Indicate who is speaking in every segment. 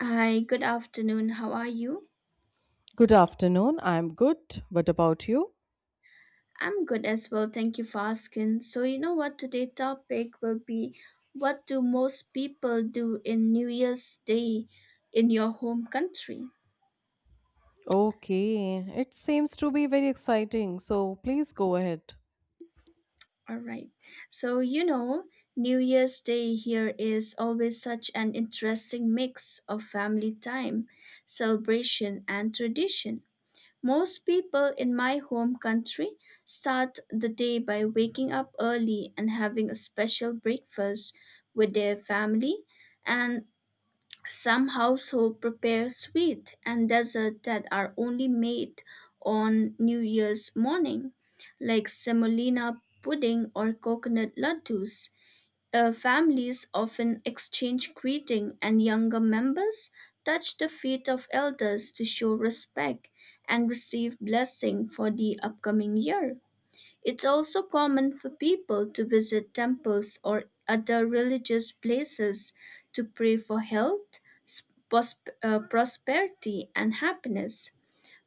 Speaker 1: Hi, good afternoon. How are you?
Speaker 2: Good afternoon. I'm good. What about you?
Speaker 1: I'm good as well. Thank you for asking. So, you know what? Today's topic will be what do most people do in New Year's Day in your home country?
Speaker 2: Okay, it seems to be very exciting. So please go ahead.
Speaker 1: All right. So, New Year's Day here is always such an interesting mix of family time, celebration, and tradition. Most people in my home country start the day by waking up early and having a special breakfast with their family, and some household prepare sweet and dessert that are only made on New Year's morning, like semolina pudding or coconut laddus. Families often exchange greeting and younger members touch the feet of elders to show respect and receive blessing for the upcoming year. It's also common for people to visit temples or other religious places to pray for health, prosperity and happiness.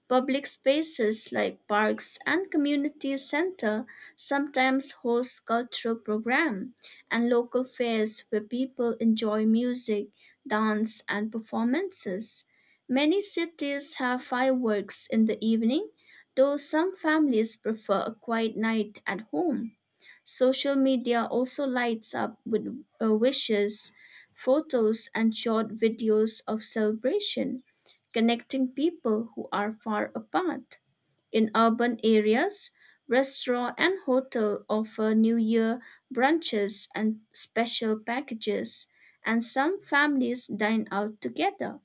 Speaker 1: Public spaces like parks and community center sometimes host cultural programs and local fairs where people enjoy music, dance, and performances. Many cities have fireworks in the evening, though some families prefer a quiet night at home. Social media also lights up with wishes, photos, and short videos of celebration, connecting people who are far apart. In urban areas, restaurant and hotel offer New Year brunches and special packages, and some families dine out together.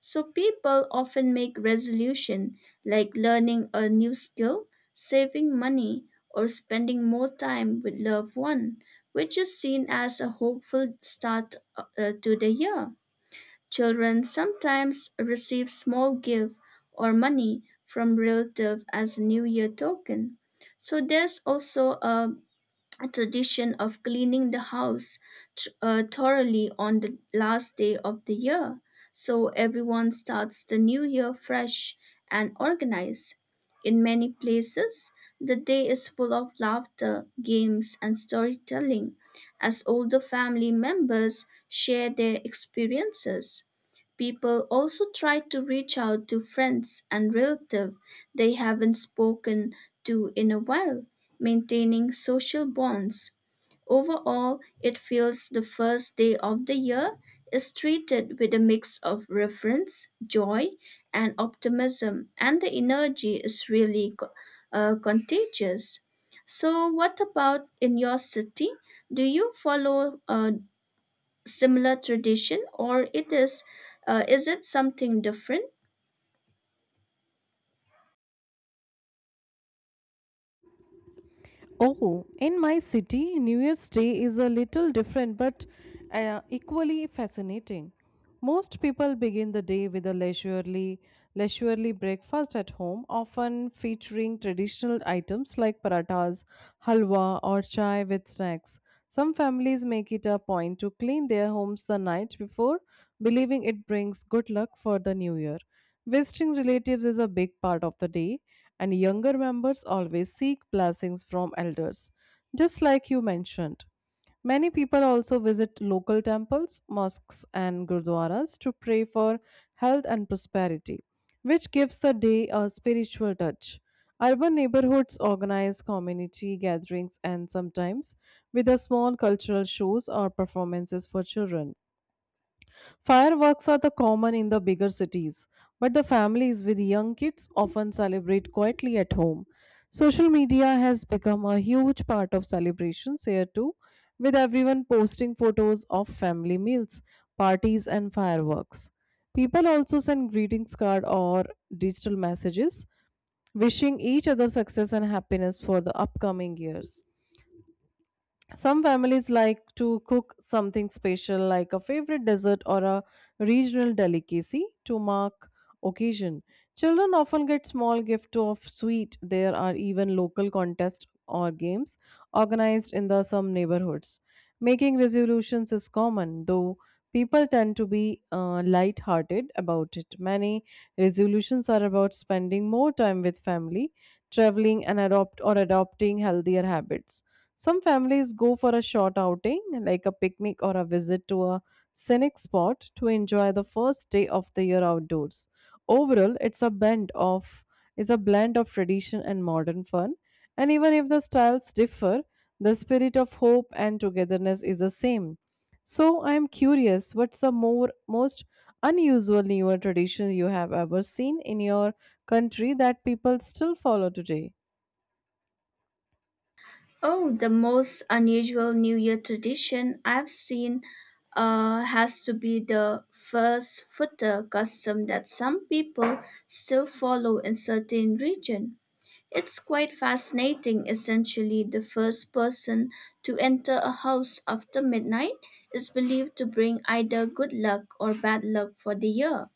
Speaker 1: So people often make resolution like learning a new skill, saving money, or spending more time with loved one, which is seen as a hopeful start to the year. Children sometimes receive small gift or money from relatives as a new year token. So there's also a tradition of cleaning the house thoroughly on the last day of the year so everyone starts the new year fresh and organized. In many places, the day is full of laughter, games, and storytelling as older family members share their experiences. People also try to reach out to friends and relatives they haven't spoken to in a while, maintaining social bonds. Overall, it feels the first day of the year is treated with a mix of reverence, joy, and optimism, and the energy is really contagious. So, what about in your city? Do you follow similar tradition or it is it something different?
Speaker 2: Oh, in my city, New Year's Day is a little different but equally fascinating. Most people begin the day with a leisurely breakfast at home, often featuring traditional items like parathas, halwa, or chai with snacks. Some families make it a point to clean their homes the night before believing it brings good luck for the new year. Visiting relatives is a big part of the day, and younger members always seek blessings from elders, just like you mentioned. Many people also visit local temples, mosques, and gurdwaras to pray for health and prosperity, which gives the day a spiritual touch. Urban neighborhoods organize community gatherings and sometimes with a small cultural shows or performances for children. Fireworks are the common in the bigger cities, but the families with young kids often celebrate quietly at home. Social media has become a huge part of celebrations here too, with everyone posting photos of family meals, parties, and fireworks. People also send greetings card or digital messages, wishing each other success and happiness for the upcoming years. Some families like to cook something special like a favorite dessert or a regional delicacy to mark occasion. Children often get small gift of sweet. There are even local contests or games organized in the some neighborhoods. Making resolutions is common, though people tend to be light-hearted about it. Many resolutions are about spending more time with family, traveling, and adopting healthier habits. Some families go for a short outing, like a picnic or a visit to a scenic spot, to enjoy the first day of the year outdoors. Overall, it's a blend of tradition and modern fun, and even if the styles differ, the spirit of hope and togetherness is the same. So I am curious, what's the more most unusual newer tradition you have ever seen in your country that people still follow today?
Speaker 1: Oh, the most unusual new year tradition I've seen has to be the first footer custom that some people still follow in certain region. It's quite fascinating. Essentially, the first person to enter a house after midnight is believed to bring either good luck or bad luck for the year,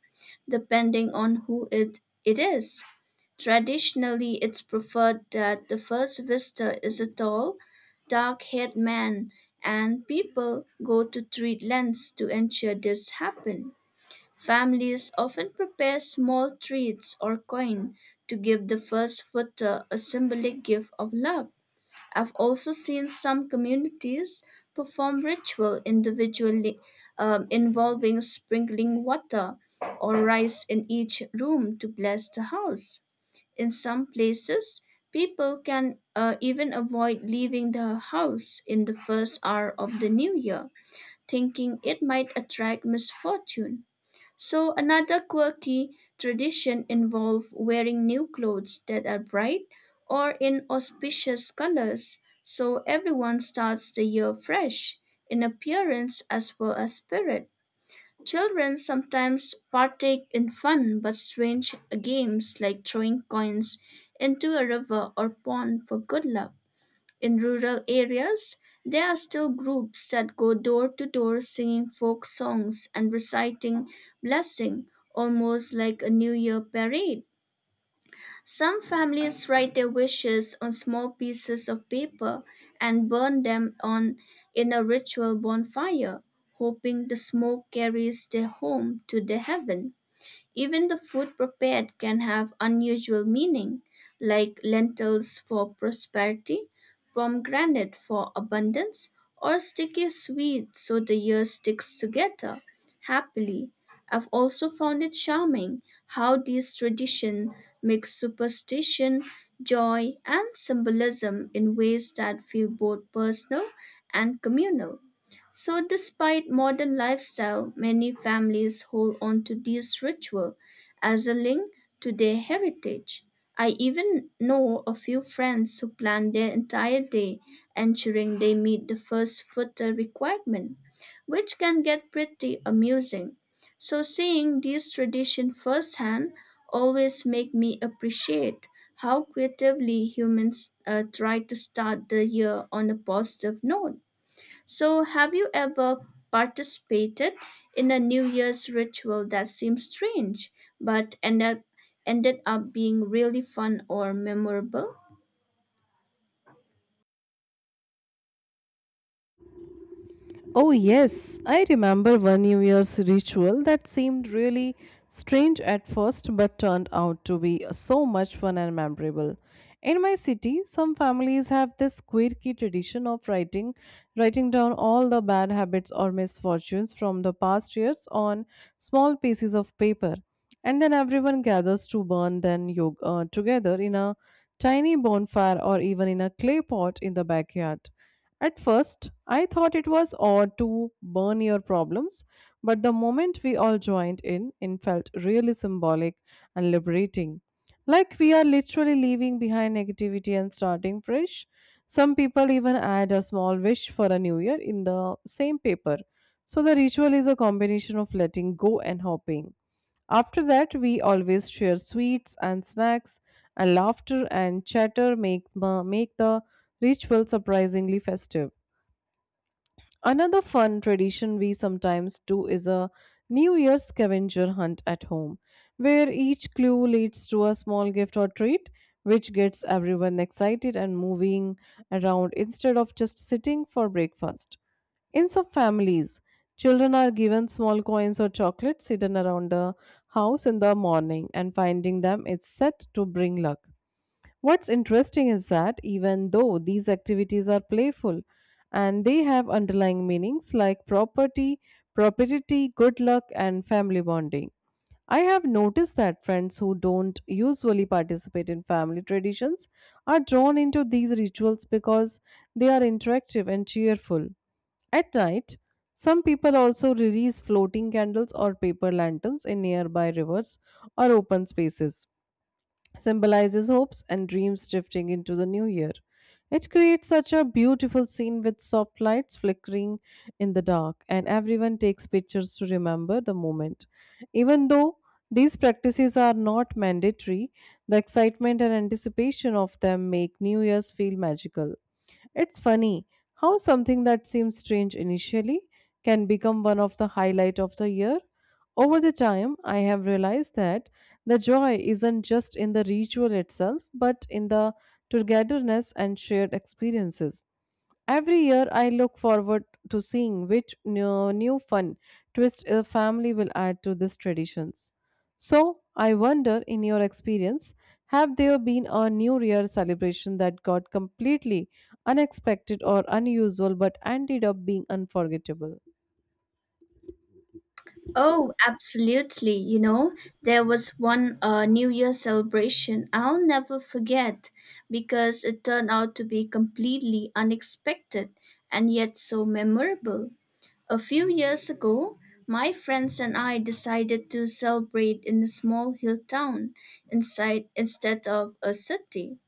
Speaker 1: depending on who it is. Traditionally, it's preferred that the first visitor is a tall, dark haired man, and people go to treat lengths to ensure this happens. Families often prepare small treats or coin to give the first footer a symbolic gift of love. I've also seen some communities perform ritual individually, involving sprinkling water or rice in each room to bless the house. In some places, people can even avoid leaving the house in the first hour of the new year, thinking it might attract misfortune. So another quirky tradition involved wearing new clothes that are bright or in auspicious colors, so everyone starts the year fresh in appearance as well as spirit. Children sometimes partake in fun but strange games like throwing coins into a river or pond for good luck. In rural areas, there are still groups that go door to door singing folk songs and reciting blessing, almost like a New Year parade. Some families write their wishes on small pieces of paper and burn them on in a ritual bonfire, hoping the smoke carries their home to the heaven. Even the food prepared can have unusual meaning, like lentils for prosperity, pomegranate for abundance, or sticky sweet so the year sticks together happily. I've also found it charming how these traditions mix superstition, joy, and symbolism in ways that feel both personal and communal. So, despite modern lifestyle, many families hold on to these ritual as a link to their heritage. I even know a few friends who plan their entire day, ensuring they meet the first footer requirement, which can get pretty amusing. So, seeing this tradition firsthand always make me appreciate how creatively humans try to start the year on a positive note. So, have you ever participated in a New Year's ritual that seemed strange but ended up being really fun or memorable?
Speaker 2: Oh, yes, I remember one New Year's ritual that seemed really strange at first but turned out to be so much fun and memorable. In my city, some families have this quirky tradition of writing down all the bad habits or misfortunes from the past years on small pieces of paper. And then everyone gathers to burn them together in a tiny bonfire, or even in a clay pot in the backyard. At first, I thought it was odd to burn your problems, but the moment we all joined in, it felt really symbolic and liberating. Like we are literally leaving behind negativity and starting fresh. Some people even add a small wish for a new year in the same paper. So the ritual is a combination of letting go and hoping. After that, we always share sweets and snacks, and laughter and chatter make the ritual surprisingly festive. Another fun tradition we sometimes do is a New Year scavenger hunt at home, where each clue leads to a small gift or treat, which gets everyone excited and moving around instead of just sitting for breakfast. In some families, children are given small coins or chocolates hidden around the house in the morning, and finding them is said to bring luck. What's interesting is that even though these activities are playful and they have underlying meanings like propriety, good luck, and family bonding. I have noticed that friends who don't usually participate in family traditions are drawn into these rituals because they are interactive and cheerful. At night, some people also release floating candles or paper lanterns in nearby rivers or open spaces symbolizes hopes and dreams drifting into the new year. It creates such a beautiful scene with soft lights flickering in the dark, and everyone takes pictures to remember the moment. Even though these practices are not mandatory, the excitement and anticipation of them make New Year's feel magical. It's funny how something that seems strange initially can become one of the highlight of the year. Over the time, I have realized that the joy isn't just in the ritual itself, but in the togetherness and shared experiences. Every year, I look forward to seeing which new fun twist a family will add to these traditions. So, I wonder, in your experience, have there been a New Year celebration that got completely unexpected or unusual but ended up being unforgettable?
Speaker 1: Oh, absolutely. You know, there was one New Year celebration I'll never forget because it turned out to be completely unexpected and yet so memorable. A few years ago, my friends and I decided to celebrate in a small hill town inside, instead of a city,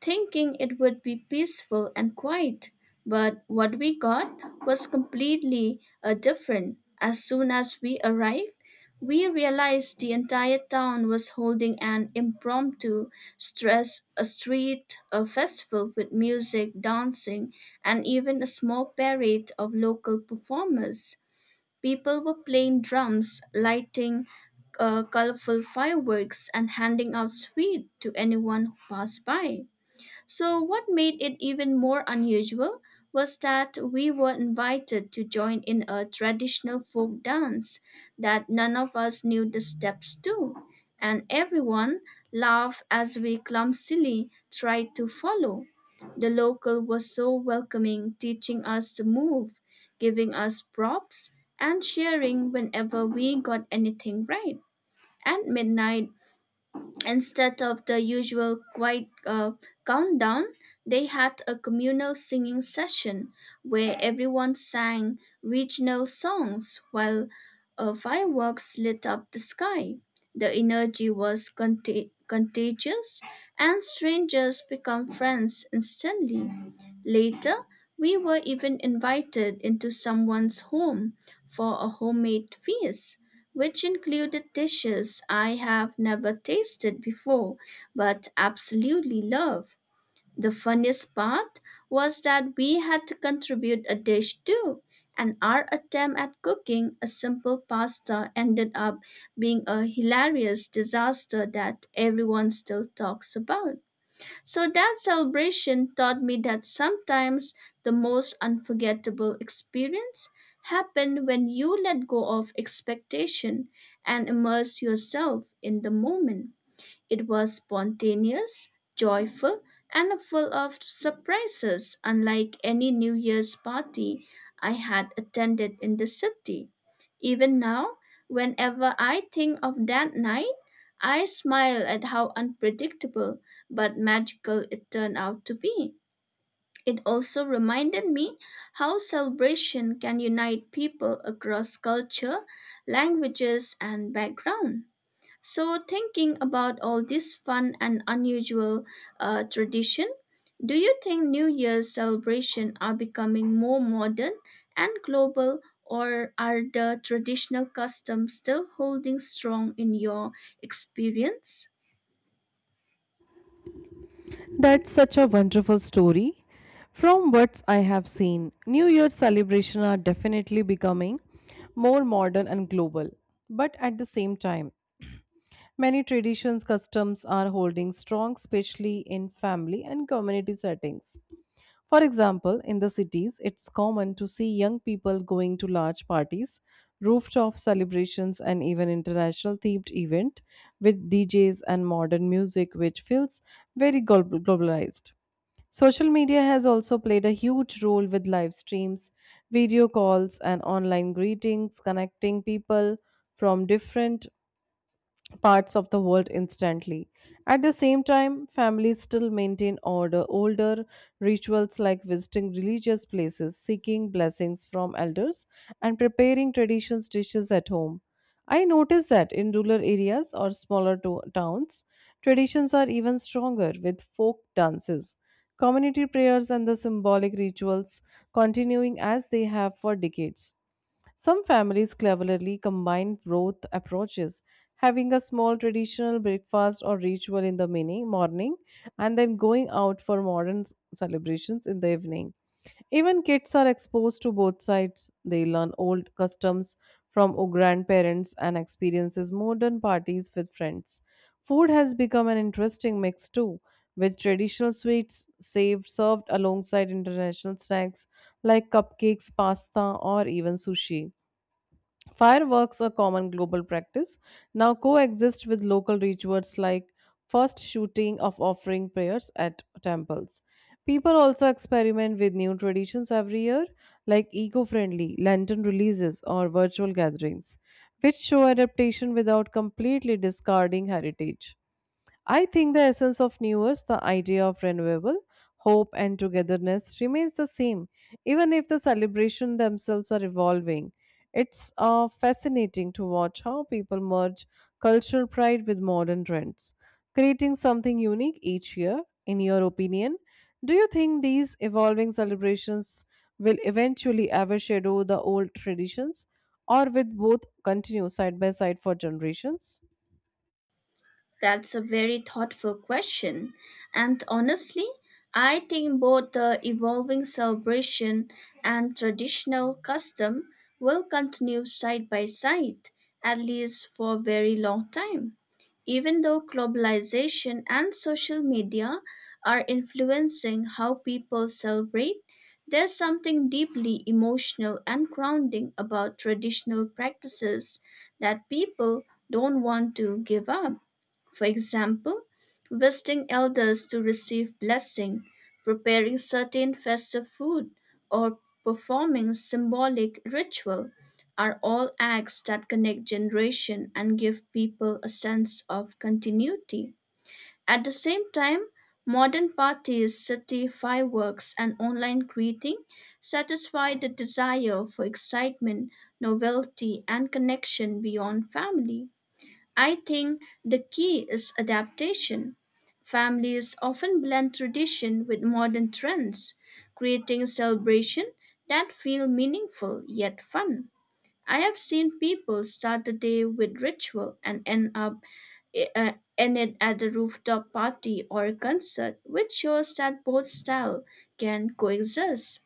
Speaker 1: thinking it would be peaceful and quiet, but what we got was completely different. As soon as we arrived, we realized the entire town was holding an impromptu stress a street a festival with music, dancing, and even a small parade of local performers. People were playing drums, lighting colorful fireworks, and handing out sweets to anyone who passed by. So, what made it even more unusual was that we were invited to join in a traditional folk dance that none of us knew the steps to, and everyone laughed as we clumsily tried to follow. The local was so welcoming, teaching us to move, giving us props, and cheering whenever we got anything right. At midnight, instead of the usual quiet countdown, they had a communal singing session where everyone sang regional songs while fireworks lit up the sky. The energy was contagious, and strangers become friends instantly. Later, we were even invited into someone's home for a homemade feast which included dishes I have never tasted before but absolutely love. The funniest part was that we had to contribute a dish too, and our attempt at cooking a simple pasta ended up being a hilarious disaster that everyone still talks about. So that celebration taught me that sometimes the most unforgettable experience happen when you let go of expectation and immerse yourself in the moment. It was spontaneous, joyful, and full of surprises, unlike any New Year's party I had attended in the city. Even now, whenever I think of that night, I smile at how unpredictable but magical it turned out to be. It also reminded me how celebration can unite people across culture, languages, and background. So, thinking about all this fun and unusual tradition, do you think New Year's celebration are becoming more modern and global, or are the traditional customs still holding strong in your experience?
Speaker 2: That's such a wonderful story. From what I have seen, New Year celebrations are definitely becoming more modern and global. But at the same time, many traditions customs are holding strong, especially in family and community settings. For example, in the cities, it's common to see young people going to large parties, rooftop celebrations, and even international themed events with DJs and modern music, which feels globalized. Social media has also played a huge role with live streams, video calls, and online greetings, connecting people from different parts of the world instantly. At the same time, families still older rituals like visiting religious places, seeking blessings from elders, and preparing traditions dishes at home. I notice that in rural areas or towns, traditions are even stronger with folk dances, community prayers, and the symbolic rituals continuing as they have for decades. Some families cleverly combine both approaches, having a small traditional breakfast or ritual in the morning and then going out for celebrations in the evening. Even kids are exposed to both sides. They learn old customs from grandparents and experiences modern parties with friends. Food has become an interesting mix too, with traditional served alongside international snacks like cupcakes, pasta, or even sushi. Fireworks, a common global practice, now coexist with local rituals like first shooting of offering prayers at temples. People also experiment with new traditions every year, like eco friendly lantern releases or virtual gatherings, which show adaptation without completely discarding heritage. I think the essence of New Year's, the idea of renewable hope and togetherness, remains the same, even if the celebrations themselves are evolving. It's fascinating to watch how people merge cultural pride with modern trends, creating something unique each year. In your opinion, do you think these evolving celebrations will eventually overshadow the old traditions, or will both continue side by side for generations?
Speaker 1: That's a very thoughtful question. And honestly, I think both the evolving celebration and traditional custom will continue side by side, at least for a very long time. Even though globalization and social media are influencing how people celebrate, there's something deeply emotional and grounding about traditional practices that people don't want to give up. For example, visiting elders to receive blessing, preparing certain festive food, or performing symbolic ritual are all acts that connect generation and give people a sense of continuity. At the same time, modern parties, city fireworks, and online greeting satisfy the desire for excitement, novelty, and connection beyond family. I think the key is adaptation. Families often blend tradition with modern trends, creating celebration that feel meaningful yet fun. I have seen people start the day with ritual and end it at a rooftop party or a concert, which shows that both style can coexist.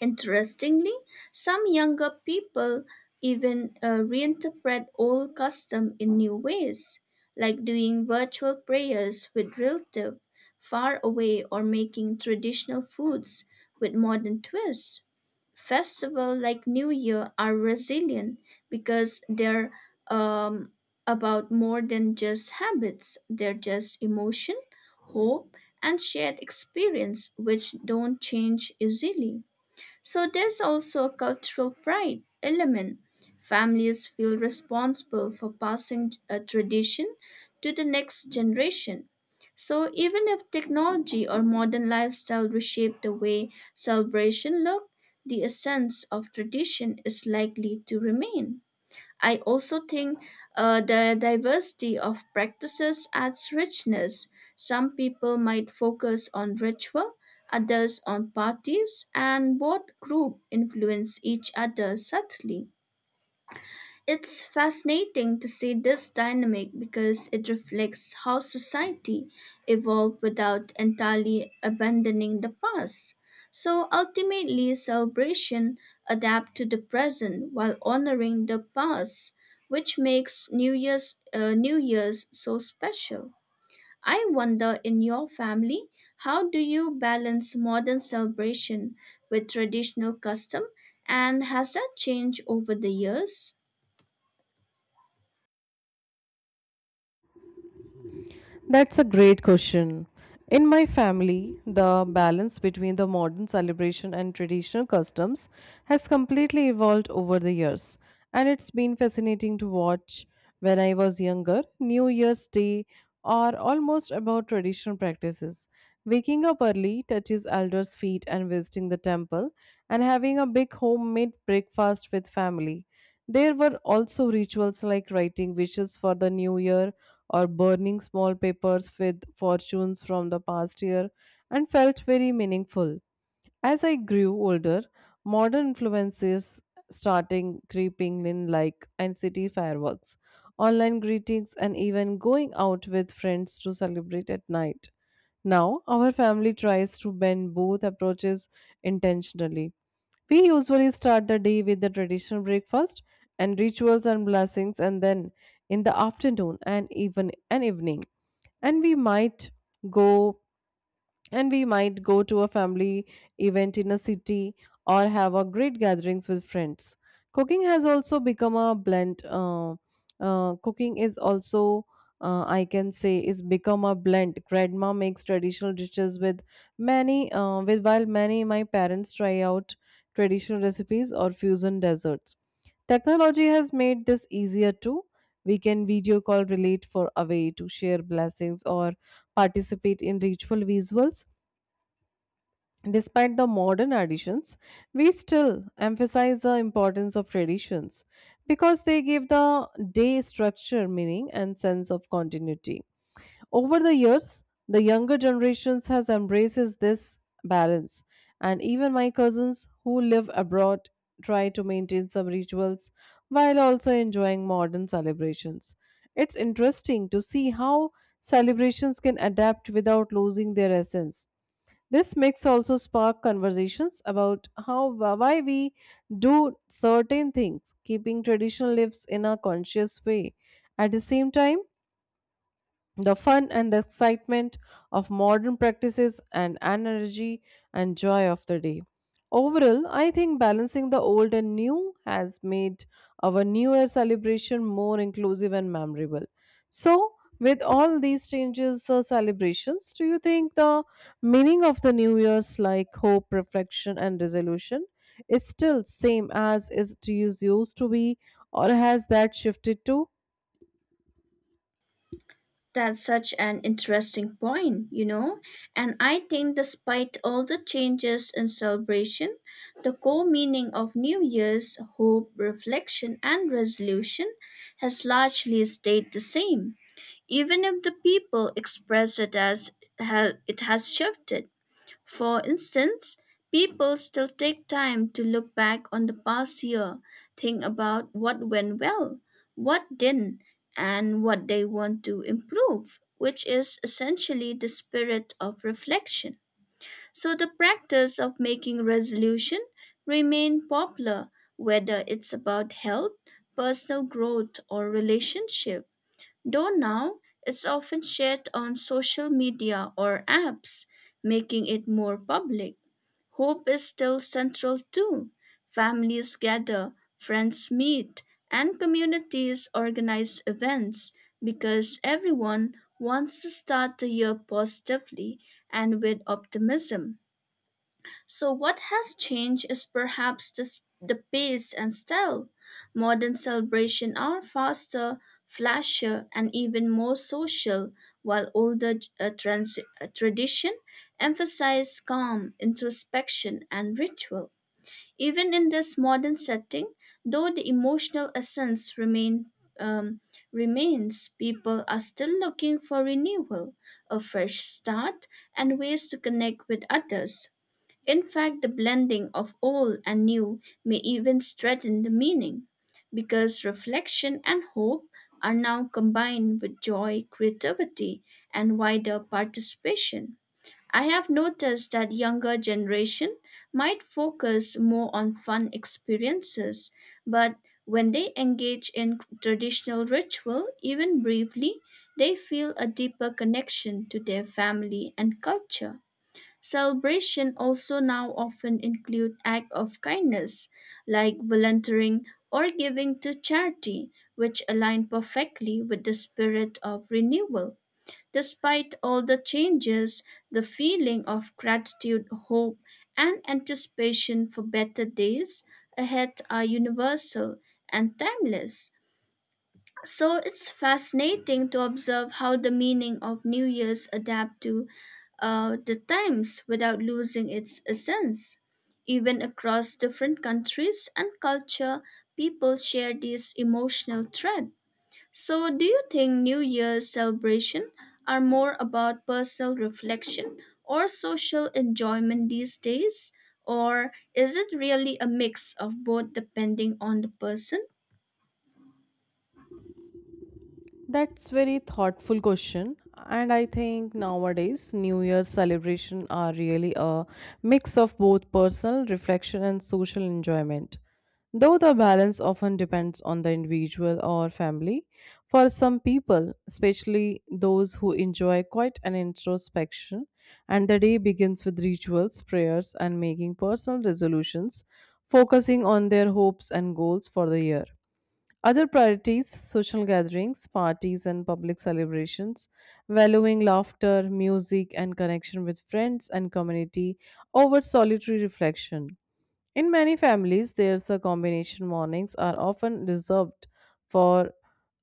Speaker 1: Interestingly, some younger people even reinterpret old custom in new ways, like doing virtual prayers with relatives far away or making traditional foods with modern twists. Festivals like New Year are resilient because they're um, about more than just habits, they're just emotion, hope, and shared experience which don't change easily. So there's also a cultural pride element. Families feel responsible for passing a tradition to the next generation. So even if technology or modern lifestyle reshape the way celebration look, the essence of tradition is likely to remain. I also think the diversity of practices adds richness. Some people might focus on ritual, others on parties, and both group influence each other subtly. It's fascinating to see this dynamic because it reflects how society evolved without entirely abandoning the past. So ultimately, celebration adapt to the present while honoring the past, which makes New Year's so special. I wonder in your family, how do you balance modern celebration with traditional custom and has that changed over the years?
Speaker 2: That's a great question. In my family, the balance between the modern celebration and traditional customs has completely evolved over the years, and it's been fascinating to watch. When I was younger, New Year's Day are almost about traditional practices. Waking up early, touches elders' feet and visiting the temple, and having a big homemade breakfast with family. There were also rituals like writing wishes for the new year or burning small papers with fortunes from the past year and felt very meaningful. As I grew older, modern influences starting creeping in like and city fireworks, online greetings and even going out with friends to celebrate at night. Now, our family tries to bend both approaches intentionally. We usually start the day with the traditional breakfast and rituals and blessings, and then in the afternoon and even an evening. And we might go and we might go to a family event in a city or have a great gatherings with friends cooking has also become a blend cooking is also I can say is become a blend grandma makes traditional dishes with many with while many my parents try out traditional recipes or fusion desserts technology has made this easier too we can video call relate for away to share blessings or participate in ritual visuals. Despite the modern additions, we still emphasize the importance of traditions because they give the day structure, meaning, and sense of continuity. Over the years, the younger generations has embraces this balance, and even my cousins who live abroad try to maintain some rituals while also enjoying modern celebrations. It's interesting to see how celebrations can adapt without losing their essence this mix also sparked conversations about how why we do certain things, keeping tradition lives in a conscious way. At the same time, the fun and the excitement of modern practices and energy and joy of the day. Overall, I think balancing the old and new has made our New Year celebration more inclusive and memorable. So, with all these changes, the celebrations, do you think the meaning of the New Year's, like hope, reflection, and resolution, is still same as it is used to be, or has that shifted too?
Speaker 1: That's such an interesting point, you know. And I think, despite all the changes in celebration, the core meaning of New Year's hope, reflection, and resolution has largely stayed the same, even if the people express it as it has shifted. For instance, people still take time to look back on the past year, think about what went well, what didn't, and what they want to improve, which is essentially the spirit of reflection. So the practice of making resolution remain popular whether it's about health, personal growth or relationship, though now it's often shared on social media or apps, making it more public. Hope is still central too. Families gather, friends meet, and communities organize events because everyone wants to start the year positively and with optimism. So, what has changed is perhaps the pace and style. Modern celebrations are faster, flashier, and even more social, while older tradition emphasize calm, introspection, and ritual. Even in this modern setting, though the emotional essence um, remains, people are still looking for renewal, a fresh start, and ways to connect with others. In fact, the blending of old and new may even strengthen the meaning, because reflection and hope are now combined with joy, creativity, and wider participation. I have noticed that younger generation might focus more on fun experiences, but when they engage in traditional ritual, even briefly, they feel a deeper connection to their family and culture. Celebration also now often include acts of kindness, like volunteering or giving to charity, which align perfectly with the spirit of renewal. Despite all the changes, the feeling of gratitude, hope, and anticipation for better days ahead are universal and timeless. So it's fascinating to observe how the meaning of New Year's adapt to the times without losing its essence. Even across different countries and culture, people share this emotional thread. So do you think New Year's celebration are more about personal reflection or social enjoyment these days? Or is it really a mix of both depending on the person?
Speaker 2: That's very thoughtful question and I think nowadays New Year celebration are really a mix of both personal reflection and social enjoyment. Though the balance often depends on the individual or family, for some people, especially those who enjoy quite an introspection, and the day begins with rituals, prayers, and making personal resolutions, focusing on their hopes and goals for the year. Other priorities social gatherings, parties, and public celebrations, valuing laughter, music, and connection with friends and community over solitary reflection. In many families, there's a combination mornings are often reserved for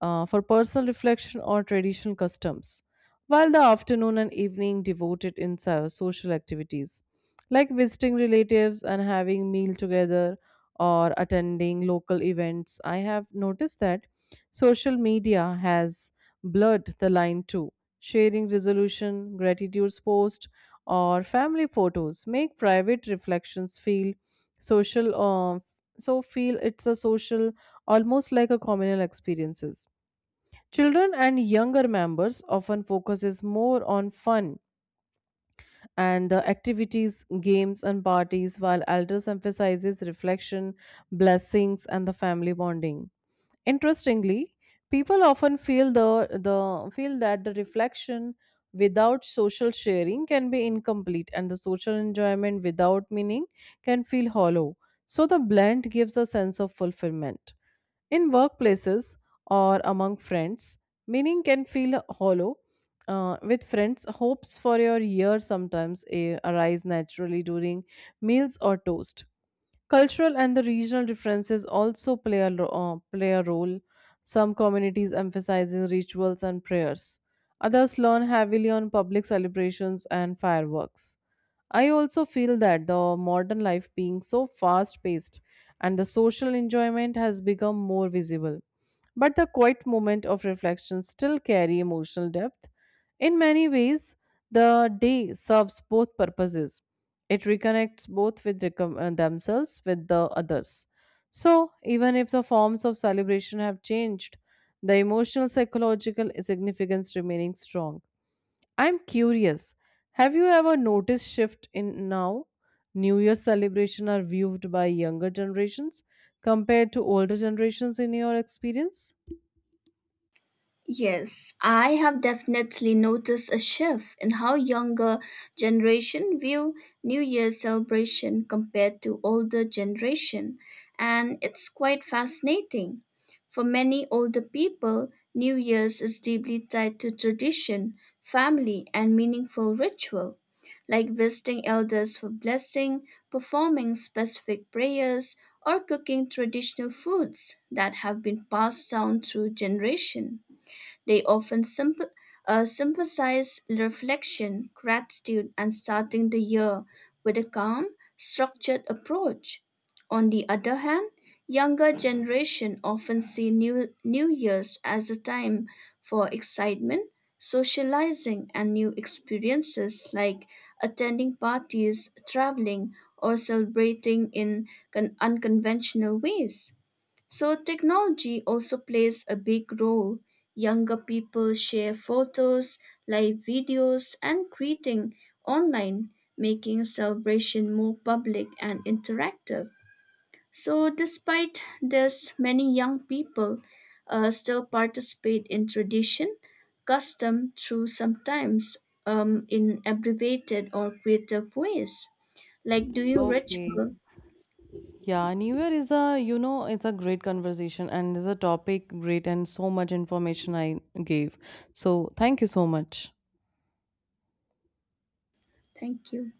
Speaker 2: for personal reflection or traditional customs, while the afternoon and evening devoted in social activities like visiting relatives and having meal together or attending local events. I have noticed that social media has blurred the line too. Sharing resolution, gratitudes post, or family photos make private reflections feel social. So feel it's a social, almost like a communal experiences. Children and younger members often focuses more on fun and the activities, games and parties, while elders emphasizes reflection, blessings, and the family bonding. Interestingly, people often feel that the reflection without social sharing can be incomplete and the social enjoyment without meaning can feel hollow. So the blend gives a sense of fulfillment. In workplaces or among friends, meaning can feel hollow. With friends, hopes for your year sometimes arise naturally during meals or toast. Cultural and the regional differences also play a role. Some communities emphasizing rituals and prayers. Others lean heavily on public celebrations and fireworks. I also feel that the modern life being so fast paced and the social enjoyment has become more visible. But the quiet moment of reflection still carry emotional depth. In many ways, the day serves both purposes. It reconnects both with themselves with the others. So, even if the forms of celebration have changed, the emotional psychological significance remaining strong. I'm curious. Have you ever noticed shift in now? New Year celebration are viewed by younger generations compared to older generations in your experience?
Speaker 1: Yes, I have definitely noticed a shift in how younger generation view New Year celebration compared to older generation, and it's quite fascinating. For many older people, New Year's is deeply tied to tradition, family, and meaningful ritual, like visiting elders for blessing, performing specific prayers, or cooking traditional foods that have been passed down through generation. They often sympathize reflection, gratitude, and starting the year with a calm, structured approach. On the other hand, younger generation often see new years as a time for excitement, socializing, and new experiences like attending parties, traveling, or celebrating in unconventional ways. So, technology also plays a big role. Younger people share photos, live videos, and greeting online, making celebration more public and interactive. So, despite this, many young people still participate in tradition, custom through sometimes in abbreviated or creative ways, like doing
Speaker 2: Okay.
Speaker 1: ritual.
Speaker 2: Yeah, New Year is a, it's a great conversation and is a topic great and so much information I gave. So thank you so much.
Speaker 1: Thank you.